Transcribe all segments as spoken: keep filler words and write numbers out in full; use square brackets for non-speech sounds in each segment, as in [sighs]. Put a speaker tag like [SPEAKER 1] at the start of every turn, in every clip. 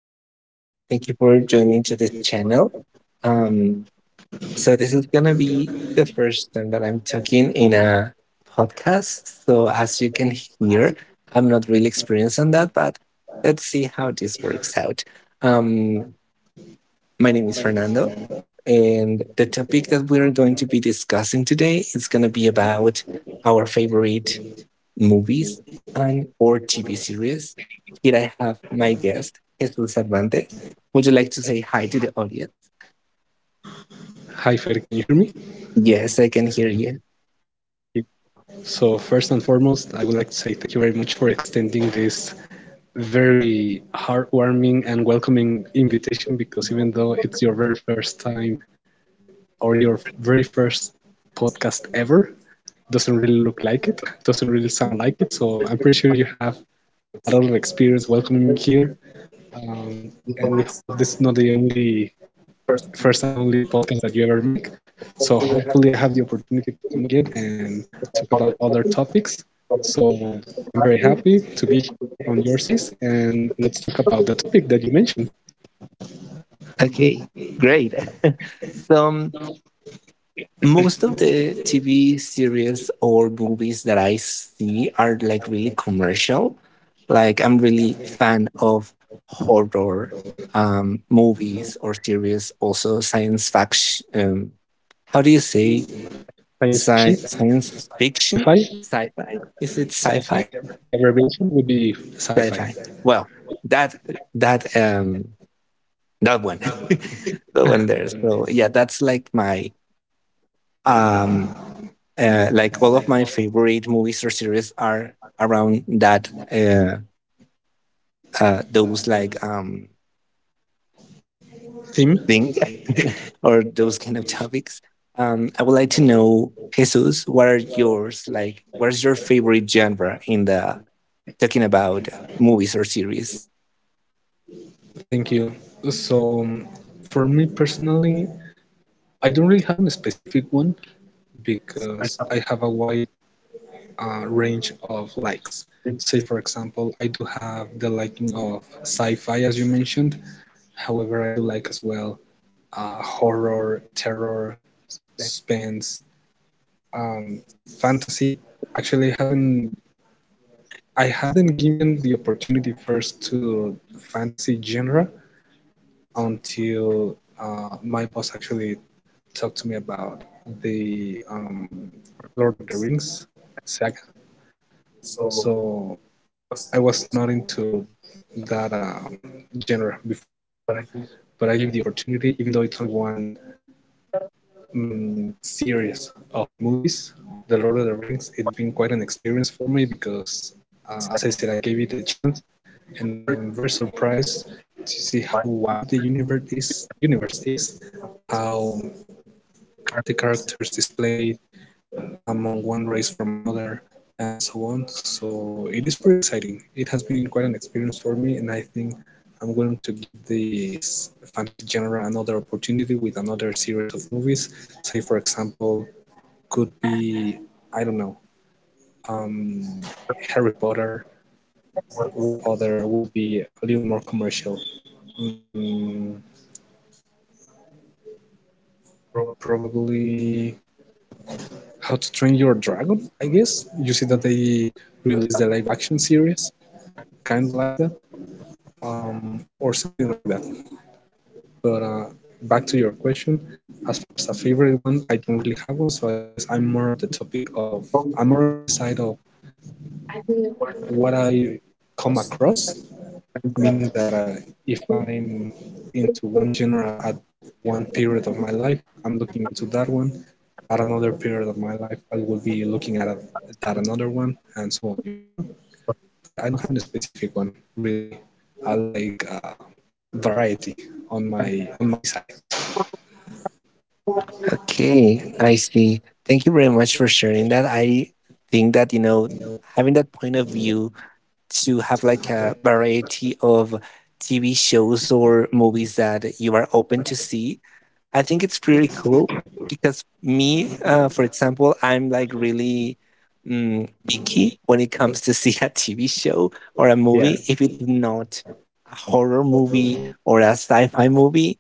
[SPEAKER 1] everybody. Thank you for joining to this channel. Um, so this is gonna be the first time that I'm talking in a podcast. So as you can hear, I'm not really experienced on that, but let's see how this works out. Um, my name is Fernando, and the topic that we're going to be discussing today is gonna be about our favorite movies and or T V series. Here I have my guest, Jesus Cervantes. Would you like to say hi to the audience?
[SPEAKER 2] Hi, Fer, can you hear me?
[SPEAKER 1] Yes, I can hear you.
[SPEAKER 2] Okay. So, first and foremost, I would like to say thank you very much for extending this very heartwarming and welcoming invitation because even though it's your very first time or your very first podcast ever, doesn't really look like it, doesn't really sound like it. So, I'm pretty sure you have a lot of experience welcoming me here, and we hope this is not the only first and only podcast that you ever make. So hopefully, I have the opportunity to come again and talk about other topics. So I'm very happy to be here on your space, and let's talk about the topic that you mentioned:
[SPEAKER 1] Okay, great. [laughs] So most of the T V series or movies that I see are like really commercial. Like I'm really fan of horror um, movies or series, also science fiction. Um, how do you say
[SPEAKER 2] science fiction,
[SPEAKER 1] sci- science fiction?
[SPEAKER 2] sci-fi,
[SPEAKER 1] Sci-fi? Is it sci-fi?
[SPEAKER 2] sci-fi. The abbreviation would be sci-fi
[SPEAKER 1] Sci-fi. Well, that that um that one, [laughs] the one there. So yeah, that's like my um Uh, like all of my favorite movies or series are around that uh, uh, those like um
[SPEAKER 2] theme.
[SPEAKER 1] thing, [laughs] or those kind of topics. Um, I would like to know, Jesus, what are yours? Like, what's your favorite genre in the talking about movies or series?
[SPEAKER 2] Thank you. So um, for me personally, I don't really have a specific one because I have a wide uh, range of likes. Say, for example, I do have the liking of sci fi, as you mentioned. However, I do like as well uh, horror, terror, suspense, fantasy. Actually, I haven't I hadn't given the opportunity first to fantasy genre until uh, my boss actually talked to me about the um, Lord of the Rings saga. So I was not into that um, genre before, but I gave it the opportunity, even though it's only one um, series of movies. The Lord of the Rings, it's been quite an experience for me because, uh, as I said, I gave it a chance, and I'm very surprised to see how wide the universe is, universe is, how the characters displayed, among one race from another and so on. So it is pretty exciting. It has been quite an experience for me, and I think I'm going to give this fantasy genre another opportunity with another series of movies. Say, for example, could be I don't know um, Harry Potter. What other would be a little more commercial? Mm, Probably How to Train Your Dragon, I guess. You see that they released the live action series, kind of like that, or something like that. But uh, back to your question, as far as a favorite one, I don't really have one, so I guess I'm more of the topic of I'm more on the side of what I come across, meaning that uh, if I'm into one genre at one period of my life, I'm looking into that one. At another period of my life, I will be looking at a, that another one, and so on, you know. But I don't have a specific one really. I like uh, variety on my on my side. [laughs]
[SPEAKER 1] Okay, I see. Thank you very much for sharing that. I think that you know having that point of view to have like a variety of T V shows or movies that you are open to see. I think it's pretty cool because me, uh, for example, I'm like really mm, picky when it comes to [laughs] see a T V show or a
[SPEAKER 2] Yeah.
[SPEAKER 1] movie. If it's not a horror movie or a sci-fi movie,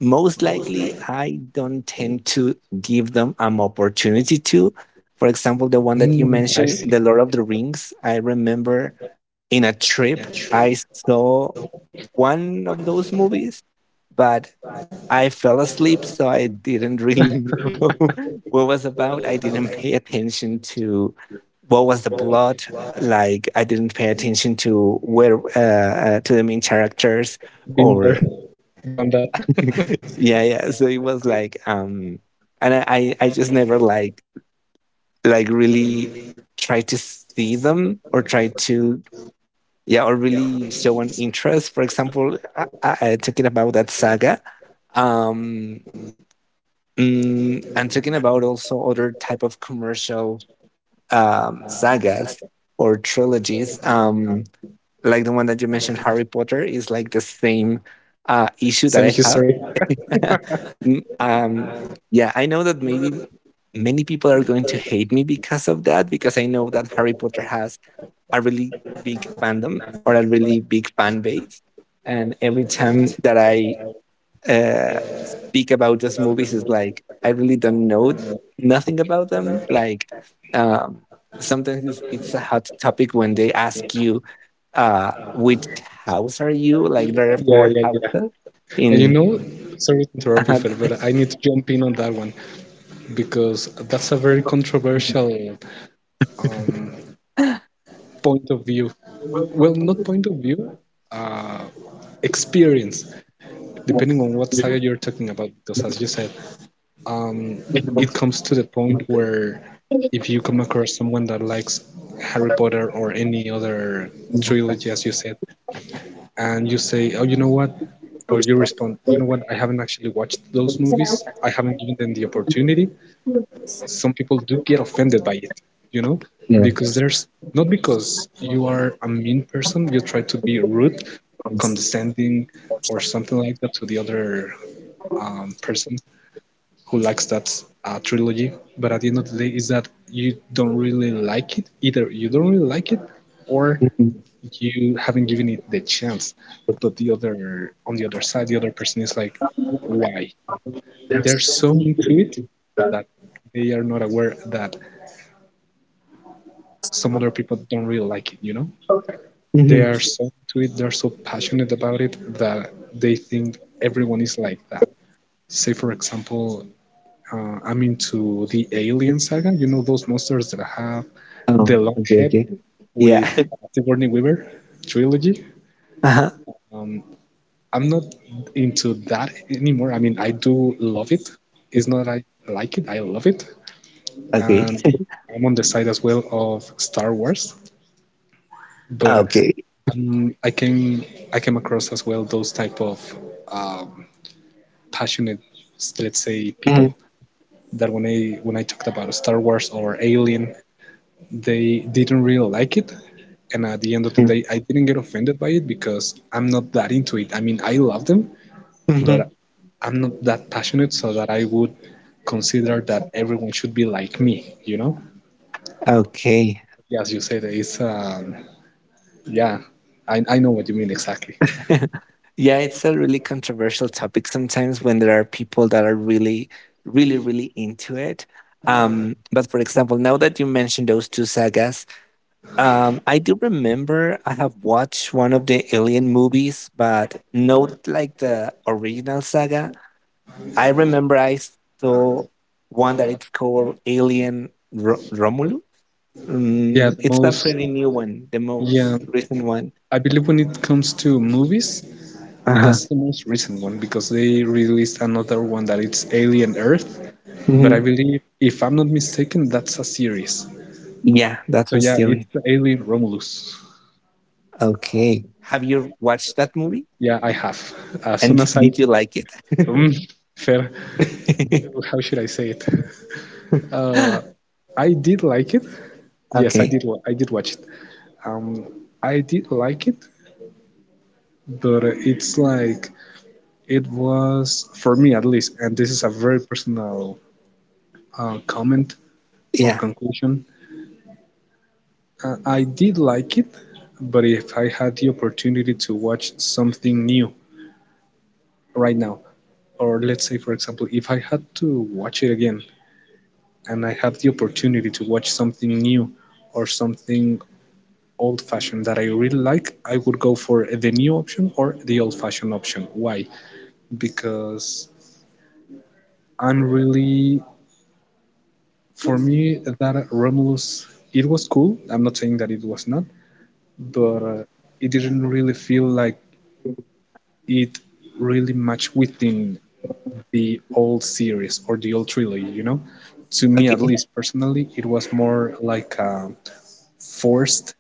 [SPEAKER 1] most likely I don't tend to give them an opportunity to. For example, the one that you
[SPEAKER 2] Mm, I
[SPEAKER 1] mentioned,
[SPEAKER 2] see.
[SPEAKER 1] The Lord of the Rings. I remember in a trip, I saw one of those movies, but I fell asleep, so I didn't really [laughs] know what was about. I didn't pay attention to what was the plot. Like I didn't pay attention to where uh, uh, to the main characters,
[SPEAKER 2] Been there,
[SPEAKER 1] or
[SPEAKER 2] done that.
[SPEAKER 1] [laughs] yeah, yeah. So it was like, um, and I I I just never like like really try to see them or try to yeah, or really show an interest. For example, I, I, I- talking about that saga, um, mm, and talking about also other type of commercial um, sagas or trilogies, um, like the one that you mentioned, Harry Potter, is like the same uh, issue that
[SPEAKER 2] Same
[SPEAKER 1] I
[SPEAKER 2] history.
[SPEAKER 1] have. [laughs] Mm, um, yeah, I know that maybe many people are going to hate me because of that, because I know that Harry Potter has a really big fandom or a really big fan base. And every time that I uh, speak about those movies, it's like I really don't know nothing about them. Like um, sometimes it's, it's a hot topic when they ask you, uh, "Which house are you?" Like there are
[SPEAKER 2] Yeah,
[SPEAKER 1] four
[SPEAKER 2] yeah, yeah.
[SPEAKER 1] houses
[SPEAKER 2] And you
[SPEAKER 1] in.
[SPEAKER 2] know, sorry to interrupt
[SPEAKER 1] Uh,
[SPEAKER 2] you, Fer, but I need to jump in on that one because that's a very controversial point of view. Well, not point
[SPEAKER 1] [laughs]
[SPEAKER 2] of view, uh, experience, depending on what saga you're talking about. Because as you said, it comes to the point where if you come across someone that likes Harry Potter or any other trilogy, as you said, and you say, "Oh, you know what?" Or you respond, "You know what? I haven't actually watched those movies. I haven't given them the opportunity." Some people do get offended by it, you know,
[SPEAKER 1] yeah.
[SPEAKER 2] because there's not because you are a mean person, you try to be rude, condescending, or something like that to the other um, person who likes that uh, trilogy. But at the end of the day, is that you don't really like it either. You don't really like it, or you haven't given it the chance, but the other on the other side, the other person is like, why they're so into it that they are not aware that some other people don't really like it, you know, they
[SPEAKER 1] Mhm.
[SPEAKER 2] are so into it, they're so passionate about it that they think everyone is like that. Say, for example, uh, I'm into the Alien saga, you know, those monsters that have the
[SPEAKER 1] Oh,
[SPEAKER 2] long
[SPEAKER 1] okay,
[SPEAKER 2] head
[SPEAKER 1] okay. Yeah.
[SPEAKER 2] with the
[SPEAKER 1] [laughs]
[SPEAKER 2] Sigourney Weaver trilogy.
[SPEAKER 1] Uh-huh.
[SPEAKER 2] I'm not into that anymore. I mean, I do love it. It's not I like it. I love it,
[SPEAKER 1] Okay.
[SPEAKER 2] and I'm on the side as well of Star Wars.
[SPEAKER 1] [laughs]
[SPEAKER 2] But
[SPEAKER 1] Okay.
[SPEAKER 2] um, I came I came across as well those type of passionate, let's say, people
[SPEAKER 1] Mhm.
[SPEAKER 2] that when I when I talked about Star Wars or Alien, they didn't really like it. And at the end of the day, I didn't get offended by it because I'm not that into it. I mean, I love them,
[SPEAKER 1] Hmm.
[SPEAKER 2] but I'm not that passionate, so that I would consider that everyone should be like me, you know?
[SPEAKER 1] Okay.
[SPEAKER 2] Yes, you said it's, um, yeah, I, I know what you mean exactly.
[SPEAKER 1] Yeah, it's a really controversial topic sometimes when there are people that are really, really, really into it. Um, but for example, now that you mentioned those two sagas, um, I do remember I have watched one of the Alien movies, but not like the original saga. I remember I saw one that it's called Alien Ro- Romulus. Mm,
[SPEAKER 2] Yeah,
[SPEAKER 1] Yeah.
[SPEAKER 2] the
[SPEAKER 1] It's a
[SPEAKER 2] most,
[SPEAKER 1] pretty new one, the
[SPEAKER 2] yeah,
[SPEAKER 1] most recent one.
[SPEAKER 2] I believe when it comes to movies,
[SPEAKER 1] Uh-huh.
[SPEAKER 2] that's the most recent one because they released another one that it's Alien Earth, but I believe, if I'm not mistaken, that's a series.
[SPEAKER 1] Yeah, that
[SPEAKER 2] So
[SPEAKER 1] was
[SPEAKER 2] yeah, it's
[SPEAKER 1] theory.
[SPEAKER 2] Alien Romulus.
[SPEAKER 1] Okay. Have you watched that movie?
[SPEAKER 2] Yeah, I have. As
[SPEAKER 1] And
[SPEAKER 2] soon
[SPEAKER 1] d-
[SPEAKER 2] as I,
[SPEAKER 1] did you like it?
[SPEAKER 2] mm, fair.
[SPEAKER 1] [laughs]
[SPEAKER 2] How should I say it? Uh, I did like it. Yes, I
[SPEAKER 1] Okay.
[SPEAKER 2] did. wa- I did watch it. Um, I did like it, but it's like it was for me at least, and this is a very personal uh, comment or
[SPEAKER 1] Yeah.
[SPEAKER 2] conclusion. Uh, I did like it, but if I had the opportunity to watch something new right now, or let's say for example, if I had to watch it again and I have the opportunity to watch something new or something old fashioned that I really like, I would go for the new option or the old fashioned option. Why? Because I'm really, for me, that Romulus, it was cool. I'm not saying that it was not, but uh, it didn't really feel like it really matched within the old series or the old trilogy, you know? To me, at
[SPEAKER 1] Okay.
[SPEAKER 2] least personally, it was more like a forced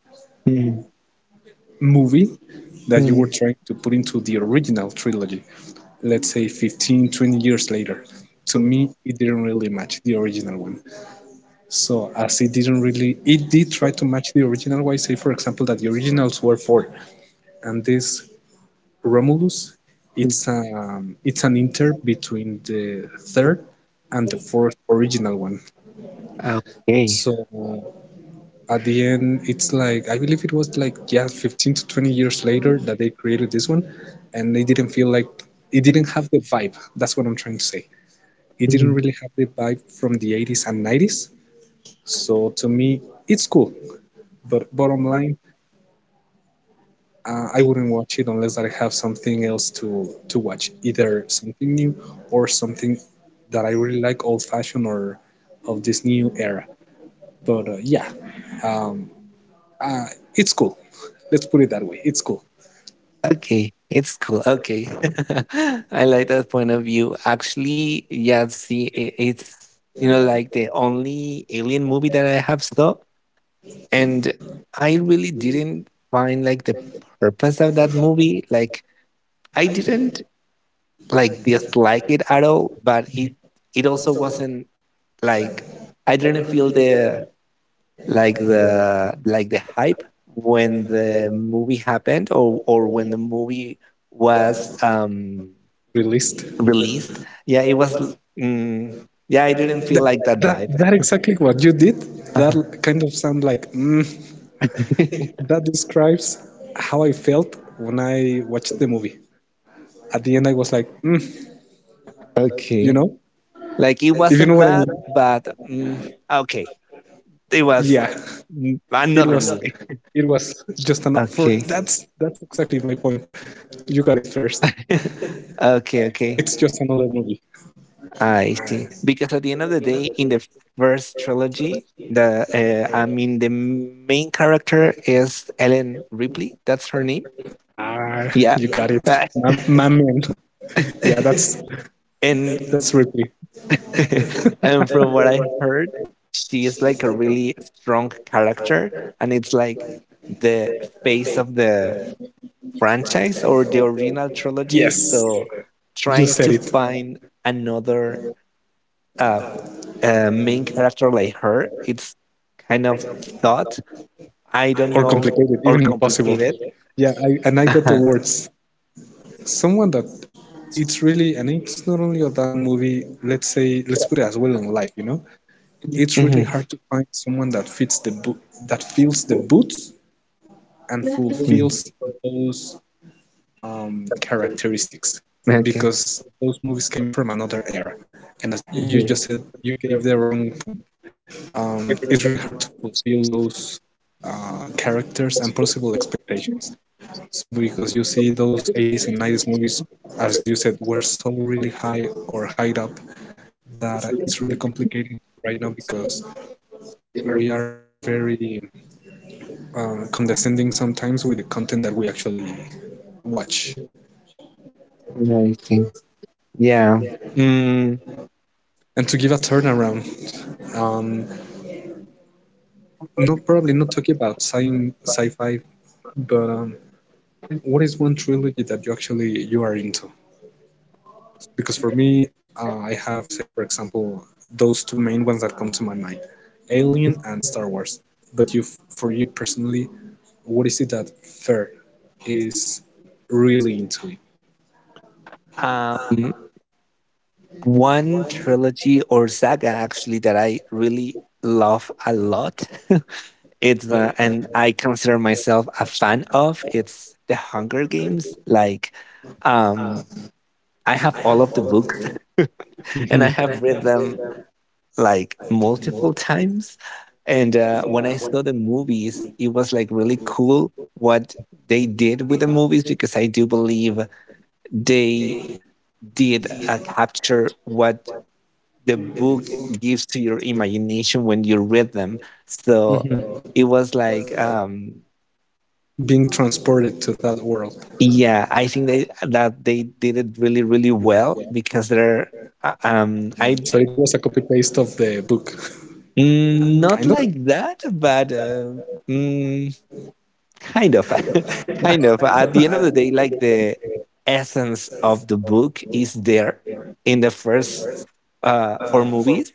[SPEAKER 1] Mm,
[SPEAKER 2] movie that you were
[SPEAKER 1] mm,
[SPEAKER 2] trying to put into the original trilogy, let's say fifteen twenty years later. To me, it didn't really match the original one. So, as it didn't really, it did try to match the original one. Say, for example, that the originals were four, and this Romulus, it's
[SPEAKER 1] mm.
[SPEAKER 2] um, it's an inter between the third and the fourth original one.
[SPEAKER 1] Okay.
[SPEAKER 2] So at the end, it's like I believe it was like, yeah, fifteen to twenty years later that they created this one, and they didn't feel like it didn't have the vibe. That's what I'm trying to say. It didn't
[SPEAKER 1] Mm,
[SPEAKER 2] really have the vibe from the eighties and nineties. So to me, it's cool, but bottom line, uh, I wouldn't watch it unless that I have something else to to watch, either something new or something that I really like, old fashioned, or of this new era. But uh, yeah, it's cool. Let's put it that way, it's cool.
[SPEAKER 1] Okay. It's cool. Okay. [laughs] I like that point of view. Actually, yeah, see, i- it's, you know,
[SPEAKER 2] like,
[SPEAKER 1] like the only alien movie that I have saw. And I really didn't find like the purpose of that movie. Like, I didn't like dislike
[SPEAKER 2] like
[SPEAKER 1] it at all, but it it also wasn't
[SPEAKER 2] like,
[SPEAKER 1] like I didn't feel the like
[SPEAKER 2] like,
[SPEAKER 1] the like the hype when the movie happened or or when the movie was um
[SPEAKER 2] released.
[SPEAKER 1] released. Yeah, it
[SPEAKER 2] Yeah, it
[SPEAKER 1] was
[SPEAKER 2] was,
[SPEAKER 1] mm, yeah, I
[SPEAKER 2] yeah,
[SPEAKER 1] didn't feel
[SPEAKER 2] that,
[SPEAKER 1] like
[SPEAKER 2] like
[SPEAKER 1] that
[SPEAKER 2] that,
[SPEAKER 1] vibe.
[SPEAKER 2] that exactly what you did. That kind of sound like, mm,
[SPEAKER 1] [laughs]
[SPEAKER 2] that describes how I felt when I watched the movie. At the end, I was like, mm, you
[SPEAKER 1] Okay.
[SPEAKER 2] know,
[SPEAKER 1] Like it
[SPEAKER 2] if you know what I
[SPEAKER 1] wasn't
[SPEAKER 2] mean.
[SPEAKER 1] bad, but mm, okay. It
[SPEAKER 2] Yeah.
[SPEAKER 1] was mm,
[SPEAKER 2] it was
[SPEAKER 1] another movie.
[SPEAKER 2] it was just an for,
[SPEAKER 1] Okay.
[SPEAKER 2] that's that's exactly my point. You got it first.
[SPEAKER 1] [laughs] okay,
[SPEAKER 2] It's
[SPEAKER 1] okay.
[SPEAKER 2] just another movie.
[SPEAKER 1] I see. Because at the end of the day, in the first trilogy, the uh, I mean, the main character is Ellen Ripley. That's her name.
[SPEAKER 2] Ah,
[SPEAKER 1] Yeah.
[SPEAKER 2] you got it,
[SPEAKER 1] Uh,
[SPEAKER 2] my, my man. Yeah, that's
[SPEAKER 1] [laughs] and
[SPEAKER 2] that's Ripley.
[SPEAKER 1] [laughs] and from what I
[SPEAKER 2] [laughs]
[SPEAKER 1] heard, she is like a really strong character, and it's like the face of the franchise or the original trilogy.
[SPEAKER 2] Yes,
[SPEAKER 1] So
[SPEAKER 2] you
[SPEAKER 1] trying
[SPEAKER 2] said
[SPEAKER 1] to find another
[SPEAKER 2] it.
[SPEAKER 1] uh, a main character like her, it's kind of thought. I don't
[SPEAKER 2] Or
[SPEAKER 1] know,
[SPEAKER 2] complicated,
[SPEAKER 1] or
[SPEAKER 2] even impossible.
[SPEAKER 1] complicated.
[SPEAKER 2] Yeah, I, and I got the
[SPEAKER 1] Uh-huh.
[SPEAKER 2] words. Someone that it's really, and it's not only of that movie. Let's say, let's put it as well in life. You know, it's really
[SPEAKER 1] Mhm,
[SPEAKER 2] hard to find someone that fits the boot, that fills the boots and
[SPEAKER 1] mhm.
[SPEAKER 2] fulfills those um, characteristics,
[SPEAKER 1] Okay.
[SPEAKER 2] because those movies came from another era. And as you
[SPEAKER 1] Mhm.
[SPEAKER 2] just said, you gave the wrong, it's really hard to fulfill those uh, characters and possible expectations, because you see those eighties and nineties movies, as you said, were so really high or high up, that uh, it's really complicated right now because we are very uh, condescending sometimes with the content that we actually watch.
[SPEAKER 1] I see. Yeah. Mm,
[SPEAKER 2] And to give a turnaround, um, not probably not talking about sci- sci-fi, but um, what is one trilogy that you actually you are into? Because for me, uh, I have, say, for example, those two main ones that come to my mind: Alien and Star Wars. But you, for you personally, what is it that Fair is really into it?
[SPEAKER 1] um,
[SPEAKER 2] Um,
[SPEAKER 1] one
[SPEAKER 2] one
[SPEAKER 1] trilogy or saga actually that I really love a lot. [laughs] it's uh,
[SPEAKER 2] is
[SPEAKER 1] and I
[SPEAKER 2] that
[SPEAKER 1] consider myself a fan of. It's the Hunger Games. Like, um,
[SPEAKER 2] um,
[SPEAKER 1] I have
[SPEAKER 2] I
[SPEAKER 1] all of
[SPEAKER 2] have
[SPEAKER 1] the
[SPEAKER 2] all of the
[SPEAKER 1] books
[SPEAKER 2] books
[SPEAKER 1] [laughs] and
[SPEAKER 2] hmm
[SPEAKER 1] I
[SPEAKER 2] and I
[SPEAKER 1] have read
[SPEAKER 2] have read
[SPEAKER 1] them
[SPEAKER 2] them
[SPEAKER 1] like
[SPEAKER 2] like most.
[SPEAKER 1] multiple [laughs] times. And
[SPEAKER 2] And
[SPEAKER 1] uh, when
[SPEAKER 2] uh,
[SPEAKER 1] I
[SPEAKER 2] when
[SPEAKER 1] saw the movies,
[SPEAKER 2] we
[SPEAKER 1] it was like really
[SPEAKER 2] graduated
[SPEAKER 1] cool what they did with the movies
[SPEAKER 2] in
[SPEAKER 1] because I do believe they
[SPEAKER 2] they
[SPEAKER 1] did
[SPEAKER 2] did
[SPEAKER 1] uh,
[SPEAKER 2] attach
[SPEAKER 1] capture what
[SPEAKER 2] what
[SPEAKER 1] the
[SPEAKER 2] the
[SPEAKER 1] book
[SPEAKER 2] book
[SPEAKER 1] gives to your
[SPEAKER 2] is.
[SPEAKER 1] imagination when you read them.
[SPEAKER 2] Hmm.
[SPEAKER 1] So
[SPEAKER 2] So
[SPEAKER 1] it
[SPEAKER 2] it
[SPEAKER 1] was
[SPEAKER 2] was
[SPEAKER 1] like,
[SPEAKER 2] like
[SPEAKER 1] um,
[SPEAKER 2] being transported to that world.
[SPEAKER 1] yeah, I think they, that they did it really, really well because they're, uh, um, I
[SPEAKER 2] So it was a copy paste of the book,
[SPEAKER 1] mm, not
[SPEAKER 2] kind of.
[SPEAKER 1] like that, but uh, mm, kind of [laughs] kind of at the end of the day like
[SPEAKER 2] [laughs]
[SPEAKER 1] the essence of the book is there in the first uh four movies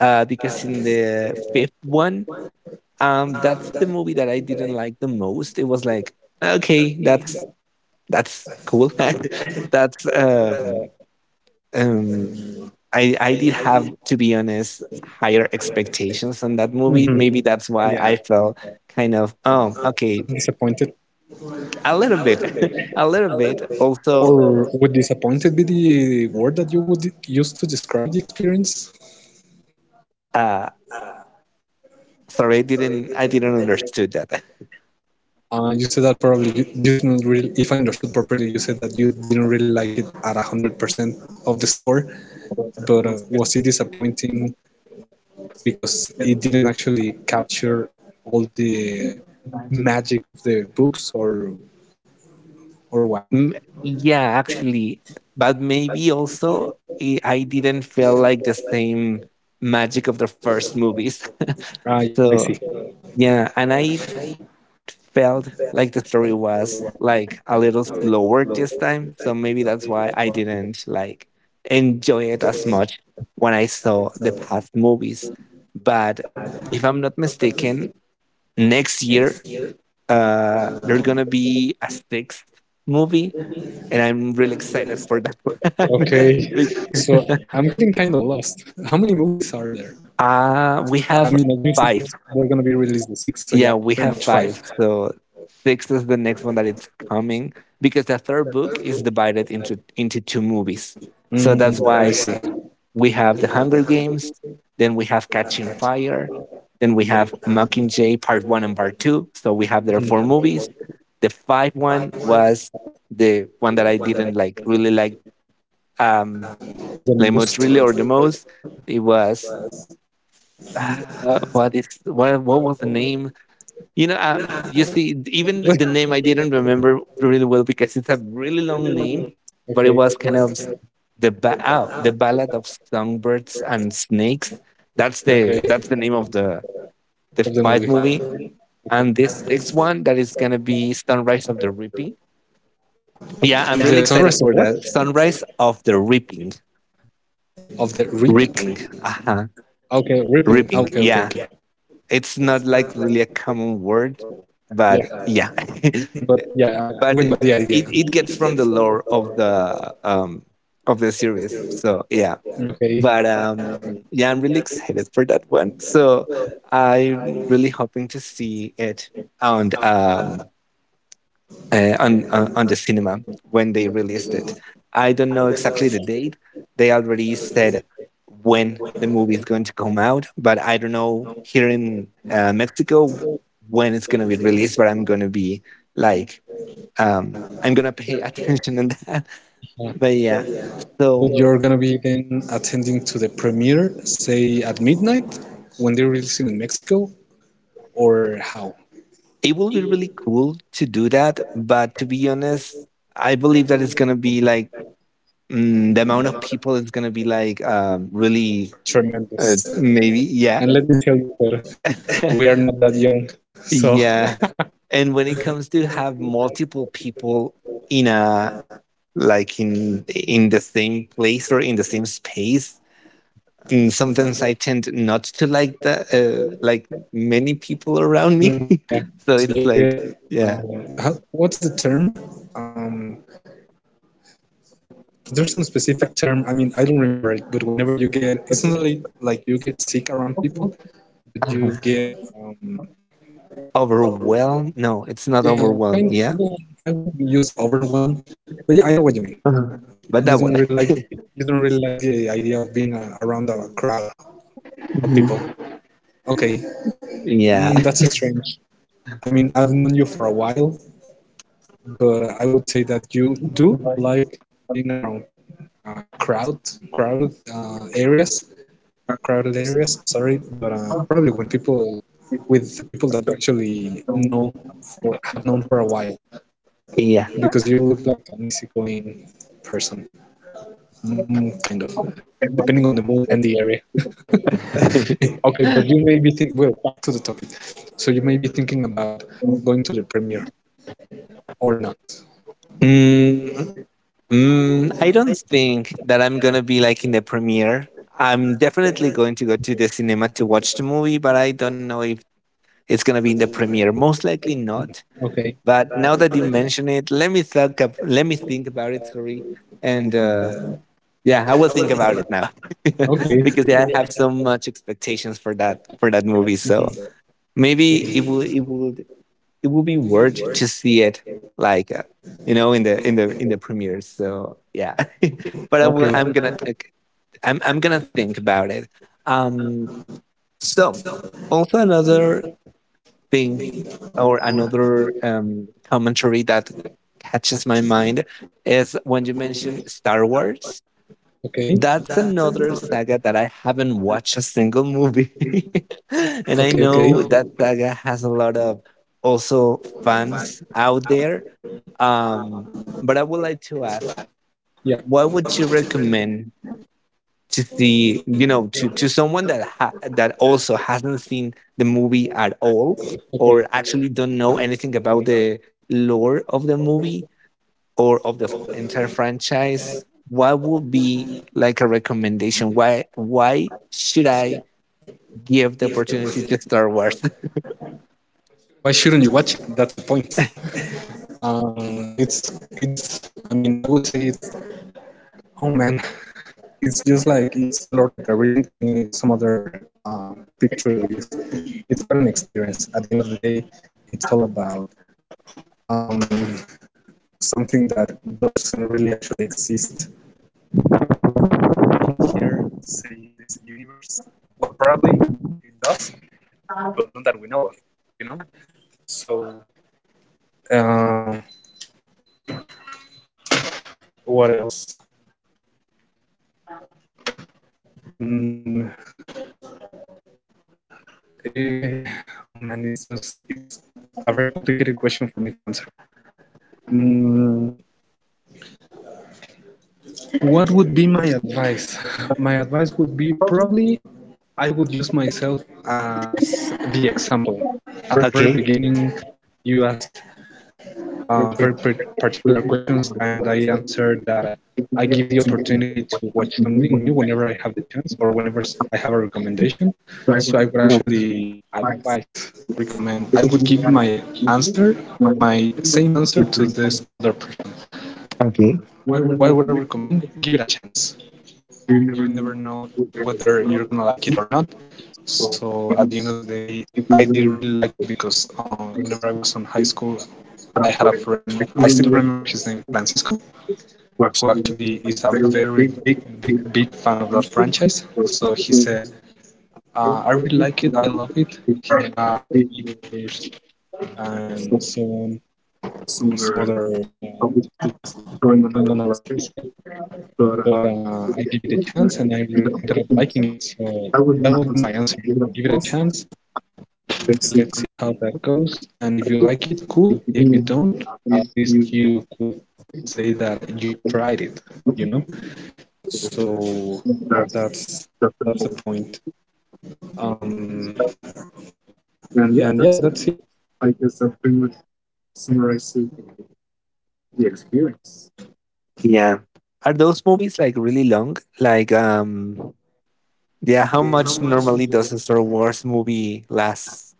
[SPEAKER 1] uh because in the fifth one um that's the movie that I didn't like the most. It was like okay, that's that's cool. [laughs] that's um um i i did have to be honest, higher expectations on that movie.
[SPEAKER 2] Mhm.
[SPEAKER 1] Maybe that's why
[SPEAKER 2] Yeah,
[SPEAKER 1] I felt kind of, oh, okay,
[SPEAKER 2] disappointed.
[SPEAKER 1] a little
[SPEAKER 2] A
[SPEAKER 1] bit.
[SPEAKER 2] little bit.
[SPEAKER 1] [laughs] A little
[SPEAKER 2] A little
[SPEAKER 1] bit.
[SPEAKER 2] bit. It's Or
[SPEAKER 1] Also,
[SPEAKER 2] uh, would disappointed be the word that you would use to describe the experience?
[SPEAKER 1] uh, sorry, I
[SPEAKER 2] Sorry, I
[SPEAKER 1] didn't, I
[SPEAKER 2] didn't I
[SPEAKER 1] didn't
[SPEAKER 2] didn't
[SPEAKER 1] understood that.
[SPEAKER 2] Uh, you said that probably you, you didn't really, if I understood properly, you said that you didn't really like it at one hundred percent of the score, but uh, was it disappointing because it didn't actually capture all the magic of the books, or or why?
[SPEAKER 1] M- yeah,
[SPEAKER 2] Yeah,
[SPEAKER 1] actually, but
[SPEAKER 2] but
[SPEAKER 1] maybe
[SPEAKER 2] maybe
[SPEAKER 1] also
[SPEAKER 2] also,
[SPEAKER 1] I I didn't feel like the
[SPEAKER 2] like,
[SPEAKER 1] same magic of the first movies. [laughs]
[SPEAKER 2] ah, yeah, I see.
[SPEAKER 1] So yeah, and I felt like the story was like a little slower this time. So maybe that's why I didn't like enjoy it as much when I saw the past movies. But if I'm not mistaken, next year uh there's gonna be a sixth movie, and I'm really excited for that [laughs]
[SPEAKER 2] Okay,
[SPEAKER 1] one. [laughs] Bec-
[SPEAKER 2] so I'm getting kind of lost. [laughs] How many movies are there?
[SPEAKER 1] uh we
[SPEAKER 2] I
[SPEAKER 1] have
[SPEAKER 2] mean, as you said, there's-
[SPEAKER 1] five.
[SPEAKER 2] they're gonna be released the sixth, so yeah,
[SPEAKER 1] Yeah, we
[SPEAKER 2] pretty much
[SPEAKER 1] have
[SPEAKER 2] five.
[SPEAKER 1] five. So six is the next one that it's coming because the third book is divided into into two movies. So
[SPEAKER 2] Mm,
[SPEAKER 1] that's
[SPEAKER 2] I
[SPEAKER 1] why
[SPEAKER 2] see.
[SPEAKER 1] we have the Hunger Games, then we have Catching Fire, then we
[SPEAKER 2] The
[SPEAKER 1] have Mockingjay Part One and Part Two. So we have there four movies. The five one was the one that I didn't like really like um like much
[SPEAKER 2] most.
[SPEAKER 1] really, or the most. It was [sighs] uh, what is what what was the name? You know, uh, you see, even the name I didn't remember really well because it's a really long name,
[SPEAKER 2] [laughs]
[SPEAKER 1] but it
[SPEAKER 2] Okay.
[SPEAKER 1] was kind of s- the ba- oh, the Ballad of Songbirds and Snakes. That's the
[SPEAKER 2] Okay.
[SPEAKER 1] that's the name of the the
[SPEAKER 2] Of the movie.
[SPEAKER 1] fight movie.
[SPEAKER 2] Okay.
[SPEAKER 1] And this next one that is gonna be Sunrise of the Reaping. Yeah, I'm really
[SPEAKER 2] The
[SPEAKER 1] excited
[SPEAKER 2] sunrise of
[SPEAKER 1] for
[SPEAKER 2] what?
[SPEAKER 1] the Sunrise of the Reaping.
[SPEAKER 2] Of the ripping?
[SPEAKER 1] Reaping, uh-huh.
[SPEAKER 2] Okay, ripping.
[SPEAKER 1] Reaping.
[SPEAKER 2] Okay, okay,
[SPEAKER 1] Yeah,
[SPEAKER 2] okay.
[SPEAKER 1] it's not
[SPEAKER 2] It's not
[SPEAKER 1] like
[SPEAKER 2] like.
[SPEAKER 1] really a common word,
[SPEAKER 2] Yeah,
[SPEAKER 1] but yeah. [laughs]
[SPEAKER 2] but um, yeah, I, we
[SPEAKER 1] but
[SPEAKER 2] know
[SPEAKER 1] it,
[SPEAKER 2] the idea.
[SPEAKER 1] it gets from the lore of the um of the series. So yeah.
[SPEAKER 2] Okay.
[SPEAKER 1] But um yeah, I'm really excited for that one. So I'm really hoping to see it on um uh, on uh, on the cinema when they released it. I don't know exactly the date. They already said when the movie is going to come out, but I don't know here in uh, Mexico when it's going to be released. But I'm going to be like, um, I'm going to pay [laughs] attention on that.
[SPEAKER 2] Yeah.
[SPEAKER 1] But yeah,
[SPEAKER 2] uh, But
[SPEAKER 1] so
[SPEAKER 2] you're gonna be then attending to the premiere, say at midnight when they're releasing in Mexico, or how?
[SPEAKER 1] it will be really cool to do that. But to be honest, I believe that it's going
[SPEAKER 2] Like,
[SPEAKER 1] to be like mm, the amount of people is going to be like um,
[SPEAKER 2] like,
[SPEAKER 1] really, uh,
[SPEAKER 2] tremendous.
[SPEAKER 1] maybe. Yeah,
[SPEAKER 2] And let me tell you, Fer, we are
[SPEAKER 1] [laughs]
[SPEAKER 2] not that young, so
[SPEAKER 1] yeah. And when it comes to have multiple people in a like in in the same place or in the same space, mm, sometimes I tend not to like the uh, like
[SPEAKER 2] [laughs]
[SPEAKER 1] many people around me.
[SPEAKER 2] mm, yeah.
[SPEAKER 1] [laughs] So
[SPEAKER 2] So
[SPEAKER 1] it's
[SPEAKER 2] you get,
[SPEAKER 1] like
[SPEAKER 2] um,
[SPEAKER 1] yeah,
[SPEAKER 2] how, what's the term? Um, there's some specific term. I mean, I don't remember it, but whenever you get, it's not like, like you get sick around people, but
[SPEAKER 1] uh
[SPEAKER 2] you get, um,
[SPEAKER 1] overwhelmed. No, it's not
[SPEAKER 2] yeah,
[SPEAKER 1] overwhelmed.
[SPEAKER 2] kind.
[SPEAKER 1] Yeah,
[SPEAKER 2] Yeah, I wouldn't use overwhelmed, but yeah, I know what you mean.
[SPEAKER 1] uh but
[SPEAKER 2] You
[SPEAKER 1] that one.
[SPEAKER 2] don't really
[SPEAKER 1] [laughs]
[SPEAKER 2] like, you don't really like the idea of being uh, around a crowd of
[SPEAKER 1] Mhm.
[SPEAKER 2] people. Okay,
[SPEAKER 1] Yeah,
[SPEAKER 2] mm, that's strange. I mean, I've known you for a while, but uh, I would say that you do like being around uh, crowd crowded uh, areas, crowded areas sorry, but uh, probably when people with the people that you actually know, for have known for a while,
[SPEAKER 1] [laughs] yeah.
[SPEAKER 2] because you look like an easygoing person, mm, kind of, depending on the mood and the area.
[SPEAKER 1] [laughs]
[SPEAKER 2] [laughs] Okay, but you may be think well, back to the topic. So you may be thinking about going to the premiere or not.
[SPEAKER 1] Mm, Mm, I don't think that I'm gonna be like in the premiere. I'm definitely going to go to the cinema to watch the movie, but I don't know if it's gonna be in the premiere. Most likely not.
[SPEAKER 2] Okay.
[SPEAKER 1] But now that you mention it, let me think. ab- Let me think about it. Sorry, and uh,
[SPEAKER 2] uh,
[SPEAKER 1] yeah, I will think about
[SPEAKER 2] Yeah.
[SPEAKER 1] it now [laughs]
[SPEAKER 2] Okay.
[SPEAKER 1] because yeah, I have so much expectations for that for that movie.
[SPEAKER 2] Mhm.
[SPEAKER 1] So
[SPEAKER 2] So,
[SPEAKER 1] maybe it will it will it will be worth to see it like uh, you know in the in the in the premiere. So yeah, [laughs] but I
[SPEAKER 2] okay.
[SPEAKER 1] will, I'm gonna take I'm I'm gonna think about it. Um,
[SPEAKER 2] um,
[SPEAKER 1] so
[SPEAKER 2] so,
[SPEAKER 1] also another thing or another um commentary that
[SPEAKER 2] like,
[SPEAKER 1] catches my mind is when you mention Star Wars.
[SPEAKER 2] okay.
[SPEAKER 1] That's
[SPEAKER 2] That's
[SPEAKER 1] another
[SPEAKER 2] another.
[SPEAKER 1] saga that I haven't watched a single movie. [laughs] And I
[SPEAKER 2] Okay, okay.
[SPEAKER 1] know that saga has a lot of also fans out there. Um, but I would like to ask,
[SPEAKER 2] Yeah.
[SPEAKER 1] what would you recommend to see, you know, to, to someone that ha- that also hasn't seen the movie at all,
[SPEAKER 2] Okay.
[SPEAKER 1] or actually don't know anything about the lore of the movie, or of the entire franchise? What would be like a recommendation? Why why should I give the opportunity to Star Wars?
[SPEAKER 2] Why shouldn't you watch it? That's the point. [laughs] Uh, it's it's. I mean, I would say it's. Oh man, it's just like it's a lot of traveling and some other uh, picture, I guess. It's quite an experience. At the end of the day, it's all about um, something that doesn't really actually exist in here, say, in this universe. Well, probably it does, but not that we know of, you know so, uh, what else. Mm, eh, oh man, it's just it's a very complicated question for me to answer. mm, What would be my advice? [sighs] [laughs] My advice would be, probably I would use myself as the example. At the
[SPEAKER 1] [laughs]
[SPEAKER 2] very
[SPEAKER 1] Okay.
[SPEAKER 2] beginning, you asked uh, very par- particular questions, and I answered that uh, I give the opportunity to watch something new whenever I have the chance, or whenever s- I have a recommendation. So I would actually advise
[SPEAKER 1] Okay.
[SPEAKER 2] some other uh, topics going on around his head. But uh, I gave it a chance and I re- ended up liking it. So that would be my answer. Give it a chance. Let's see how that goes. And if you like it, cool. If you don't, at least you could say that you tried it, you know? So that's that's the point. Um, and yeah, that's it.
[SPEAKER 1] Yeah. Are those movies like really long? Like um yeah, how much normally does a Star Wars movie last?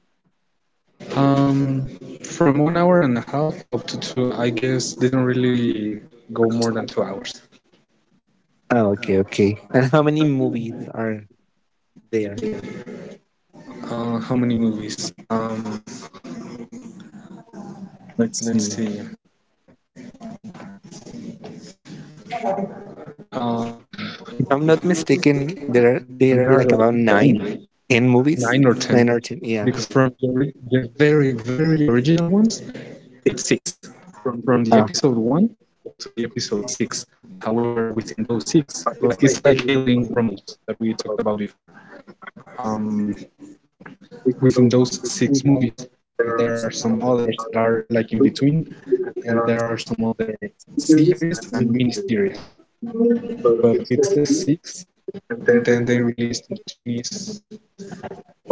[SPEAKER 2] Um, from one hour and a half up to two, I guess, didn't really go more than two hours.
[SPEAKER 1] Oh, okay, okay. And how many movies are there?
[SPEAKER 2] Uh, how many movies? Um, let's see. Uh,
[SPEAKER 1] If
[SPEAKER 2] If
[SPEAKER 1] I'm
[SPEAKER 2] I'm
[SPEAKER 1] not
[SPEAKER 2] not mistaken,
[SPEAKER 1] mistaken, there are
[SPEAKER 2] man, there are
[SPEAKER 1] there are
[SPEAKER 2] like
[SPEAKER 1] like about
[SPEAKER 2] ten,
[SPEAKER 1] nine, ten
[SPEAKER 2] nine or
[SPEAKER 1] movies.
[SPEAKER 2] ten.
[SPEAKER 1] Nine or ten,
[SPEAKER 2] Because
[SPEAKER 1] yeah.
[SPEAKER 2] from the, ori- the very, very original ones, it's six. From the
[SPEAKER 1] Oh,
[SPEAKER 2] episode one to the episode six. However, within those six, like it's like Alien Romulus that we talked about before. Within those six movies, there are some others that are like in between, and there are some other series and mini series. But it's the six, and then they released in the twenties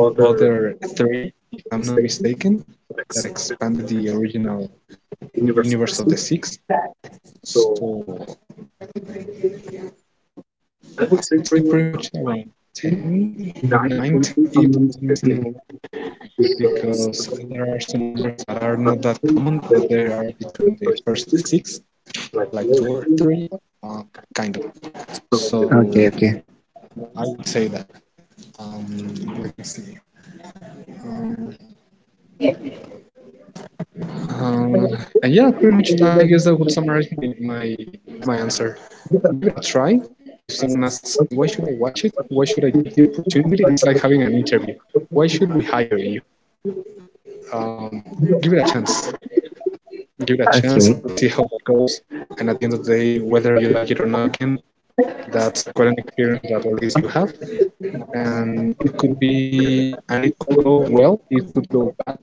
[SPEAKER 2] other three, if I'm not mistaken, that expanded the original universe of the six. So I would say pretty much around ten, nine, ten, if I'm not mistaken, because there are some others that are not that common, but they are between the first six, like two or three, um, kind of. So
[SPEAKER 1] okay, okay.
[SPEAKER 2] I would say that. Um, Let me see. Um, Uh, and yeah, pretty much I guess I would summarize my, my my answer. Give it a try. If someone asks me why should I watch it, why should I give the opportunity, it's like having an interview. Why should we hire you? Um, give it a chance. Give it a chance. Let's see how that goes. And at the end of the day, whether you like it or not, again, that's quite an experience that at least you have. And it could be, and it could go well. It could go bad.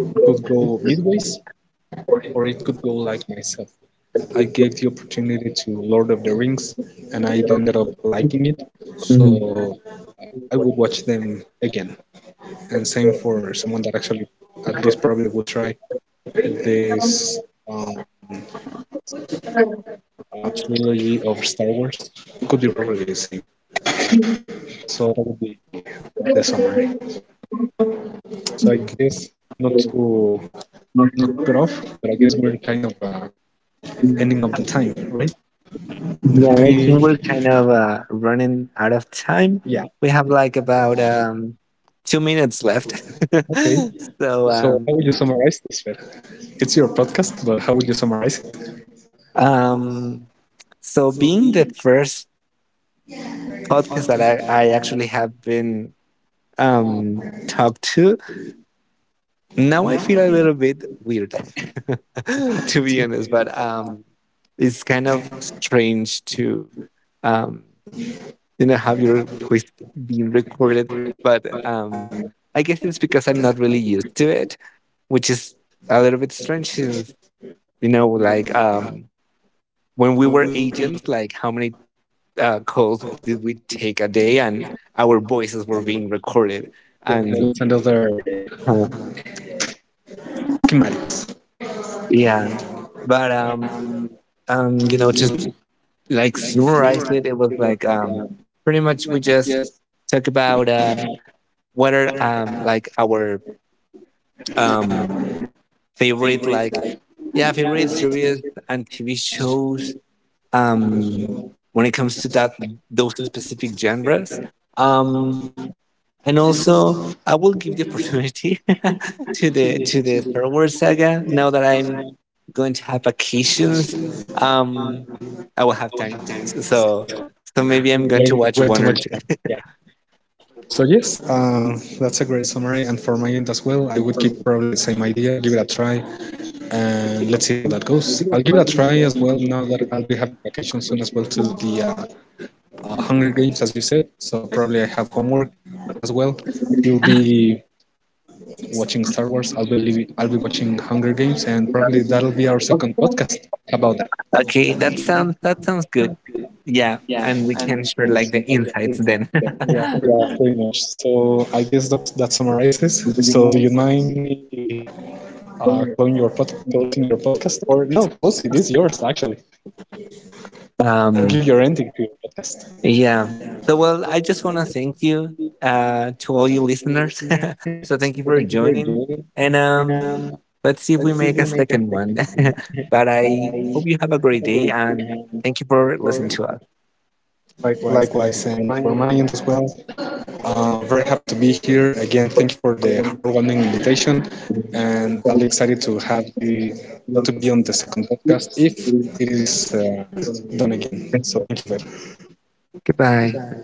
[SPEAKER 2] It could go midways, or it could go like myself. I gave the opportunity to Lord of the Rings, and I ended up liking it. So
[SPEAKER 1] Mhm.
[SPEAKER 2] I would watch them again. And same for someone that actually, at least probably would try this um, uh, trilogy of Star Wars. Could be probably the same. So that would be the summary. So I guess not to not to cut off, but I guess we're kind of uh, ending of the time, right? How
[SPEAKER 1] Yeah, I think we're
[SPEAKER 2] many?
[SPEAKER 1] kind of uh, running out of time.
[SPEAKER 2] Yeah.
[SPEAKER 1] We have like about um, two minutes left. [laughs]
[SPEAKER 2] Okay.
[SPEAKER 1] so,
[SPEAKER 2] So, how
[SPEAKER 1] um,
[SPEAKER 2] would you summarize this, Fer? It's your podcast, but how would you summarize it?
[SPEAKER 1] um, so being the first podcast that I, I actually have been um, talked to, now I feel a little bit weird, [laughs] to be honest. But um, it's kind of strange to um, you know, have your voice being recorded, but um, I guess it's because I'm not really used to it, which is a little bit strange since, you know, like um, when we were agents, like how many uh, calls did we take a day and our voices were being recorded.
[SPEAKER 2] Yeah, but it's
[SPEAKER 1] And
[SPEAKER 2] another
[SPEAKER 1] uh,
[SPEAKER 2] schematics.
[SPEAKER 1] yeah, but, um, um, you know, just like summarized it, it was like um, pretty much we just talk about um, what are um, like our um, favorite, like, yeah, favorite series and TV shows, um
[SPEAKER 2] um,
[SPEAKER 1] when it
[SPEAKER 2] when it
[SPEAKER 1] comes
[SPEAKER 2] comes
[SPEAKER 1] to
[SPEAKER 2] to that.
[SPEAKER 1] that, those specific genres, um
[SPEAKER 2] Um,
[SPEAKER 1] and
[SPEAKER 2] and also
[SPEAKER 1] also I will
[SPEAKER 2] if
[SPEAKER 1] give the
[SPEAKER 2] the-
[SPEAKER 1] opportunity [laughs] to
[SPEAKER 2] to
[SPEAKER 1] the
[SPEAKER 2] the,
[SPEAKER 1] to the
[SPEAKER 2] to
[SPEAKER 1] Star Wars saga now that I'm going to have vacations.
[SPEAKER 2] the, um,
[SPEAKER 1] um
[SPEAKER 2] yeah,
[SPEAKER 1] I
[SPEAKER 2] I
[SPEAKER 1] will
[SPEAKER 2] will
[SPEAKER 1] have
[SPEAKER 2] have
[SPEAKER 1] time.
[SPEAKER 2] time.
[SPEAKER 1] so so maybe I'm
[SPEAKER 2] Like
[SPEAKER 1] going to
[SPEAKER 2] way too
[SPEAKER 1] watch
[SPEAKER 2] much
[SPEAKER 1] one
[SPEAKER 2] time.
[SPEAKER 1] or two.
[SPEAKER 2] So yes, uh, that's a great summary. And for my end as well, I would keep probably the same idea, give it a try, and let's see how that goes. I'll give it a try as well now that I'll be having vacation soon as well to the uh, uh, Hunger Games, as you said. So probably I have homework as well. You'll be watching Star Wars. I'll be I'll be watching Hunger Games, and probably that'll be our second podcast about that.
[SPEAKER 1] Okay,
[SPEAKER 2] Okay, that
[SPEAKER 1] that sounds that
[SPEAKER 2] sounds
[SPEAKER 1] sounds
[SPEAKER 2] good.
[SPEAKER 1] good.
[SPEAKER 2] Yeah,
[SPEAKER 1] Yeah,
[SPEAKER 2] and
[SPEAKER 1] and we can share
[SPEAKER 2] yeah,
[SPEAKER 1] like the insights then.
[SPEAKER 2] pretty much. So I guess that, that summarizes. So do you mind me uh, closing your pod, closing your podcast, or no, close it. It's yours actually.
[SPEAKER 1] [laughs]
[SPEAKER 2] Give your
[SPEAKER 1] um
[SPEAKER 2] ending to your podcast. Yeah.
[SPEAKER 1] Yeah. So, well, I just want to thank you uh, to all
[SPEAKER 2] thank
[SPEAKER 1] you listeners. [laughs] So,
[SPEAKER 2] So thank
[SPEAKER 1] thank you
[SPEAKER 2] you for
[SPEAKER 1] for
[SPEAKER 2] joining,
[SPEAKER 1] joining. And
[SPEAKER 2] and um,
[SPEAKER 1] um, let's
[SPEAKER 2] let's
[SPEAKER 1] see
[SPEAKER 2] see
[SPEAKER 1] if
[SPEAKER 2] if we
[SPEAKER 1] we
[SPEAKER 2] make
[SPEAKER 1] make a
[SPEAKER 2] a
[SPEAKER 1] second one. [laughs] but I hope you have a great
[SPEAKER 2] great
[SPEAKER 1] day,
[SPEAKER 2] day
[SPEAKER 1] and thank you
[SPEAKER 2] for.
[SPEAKER 1] for listening to us.
[SPEAKER 2] Likewise, and for my end as well, uh, very happy to be here. Again, thank you for the heartwarming invitation, and I'll be excited to have you to be on the second podcast if it is uh, done again. So thank you, Fer.
[SPEAKER 1] Goodbye.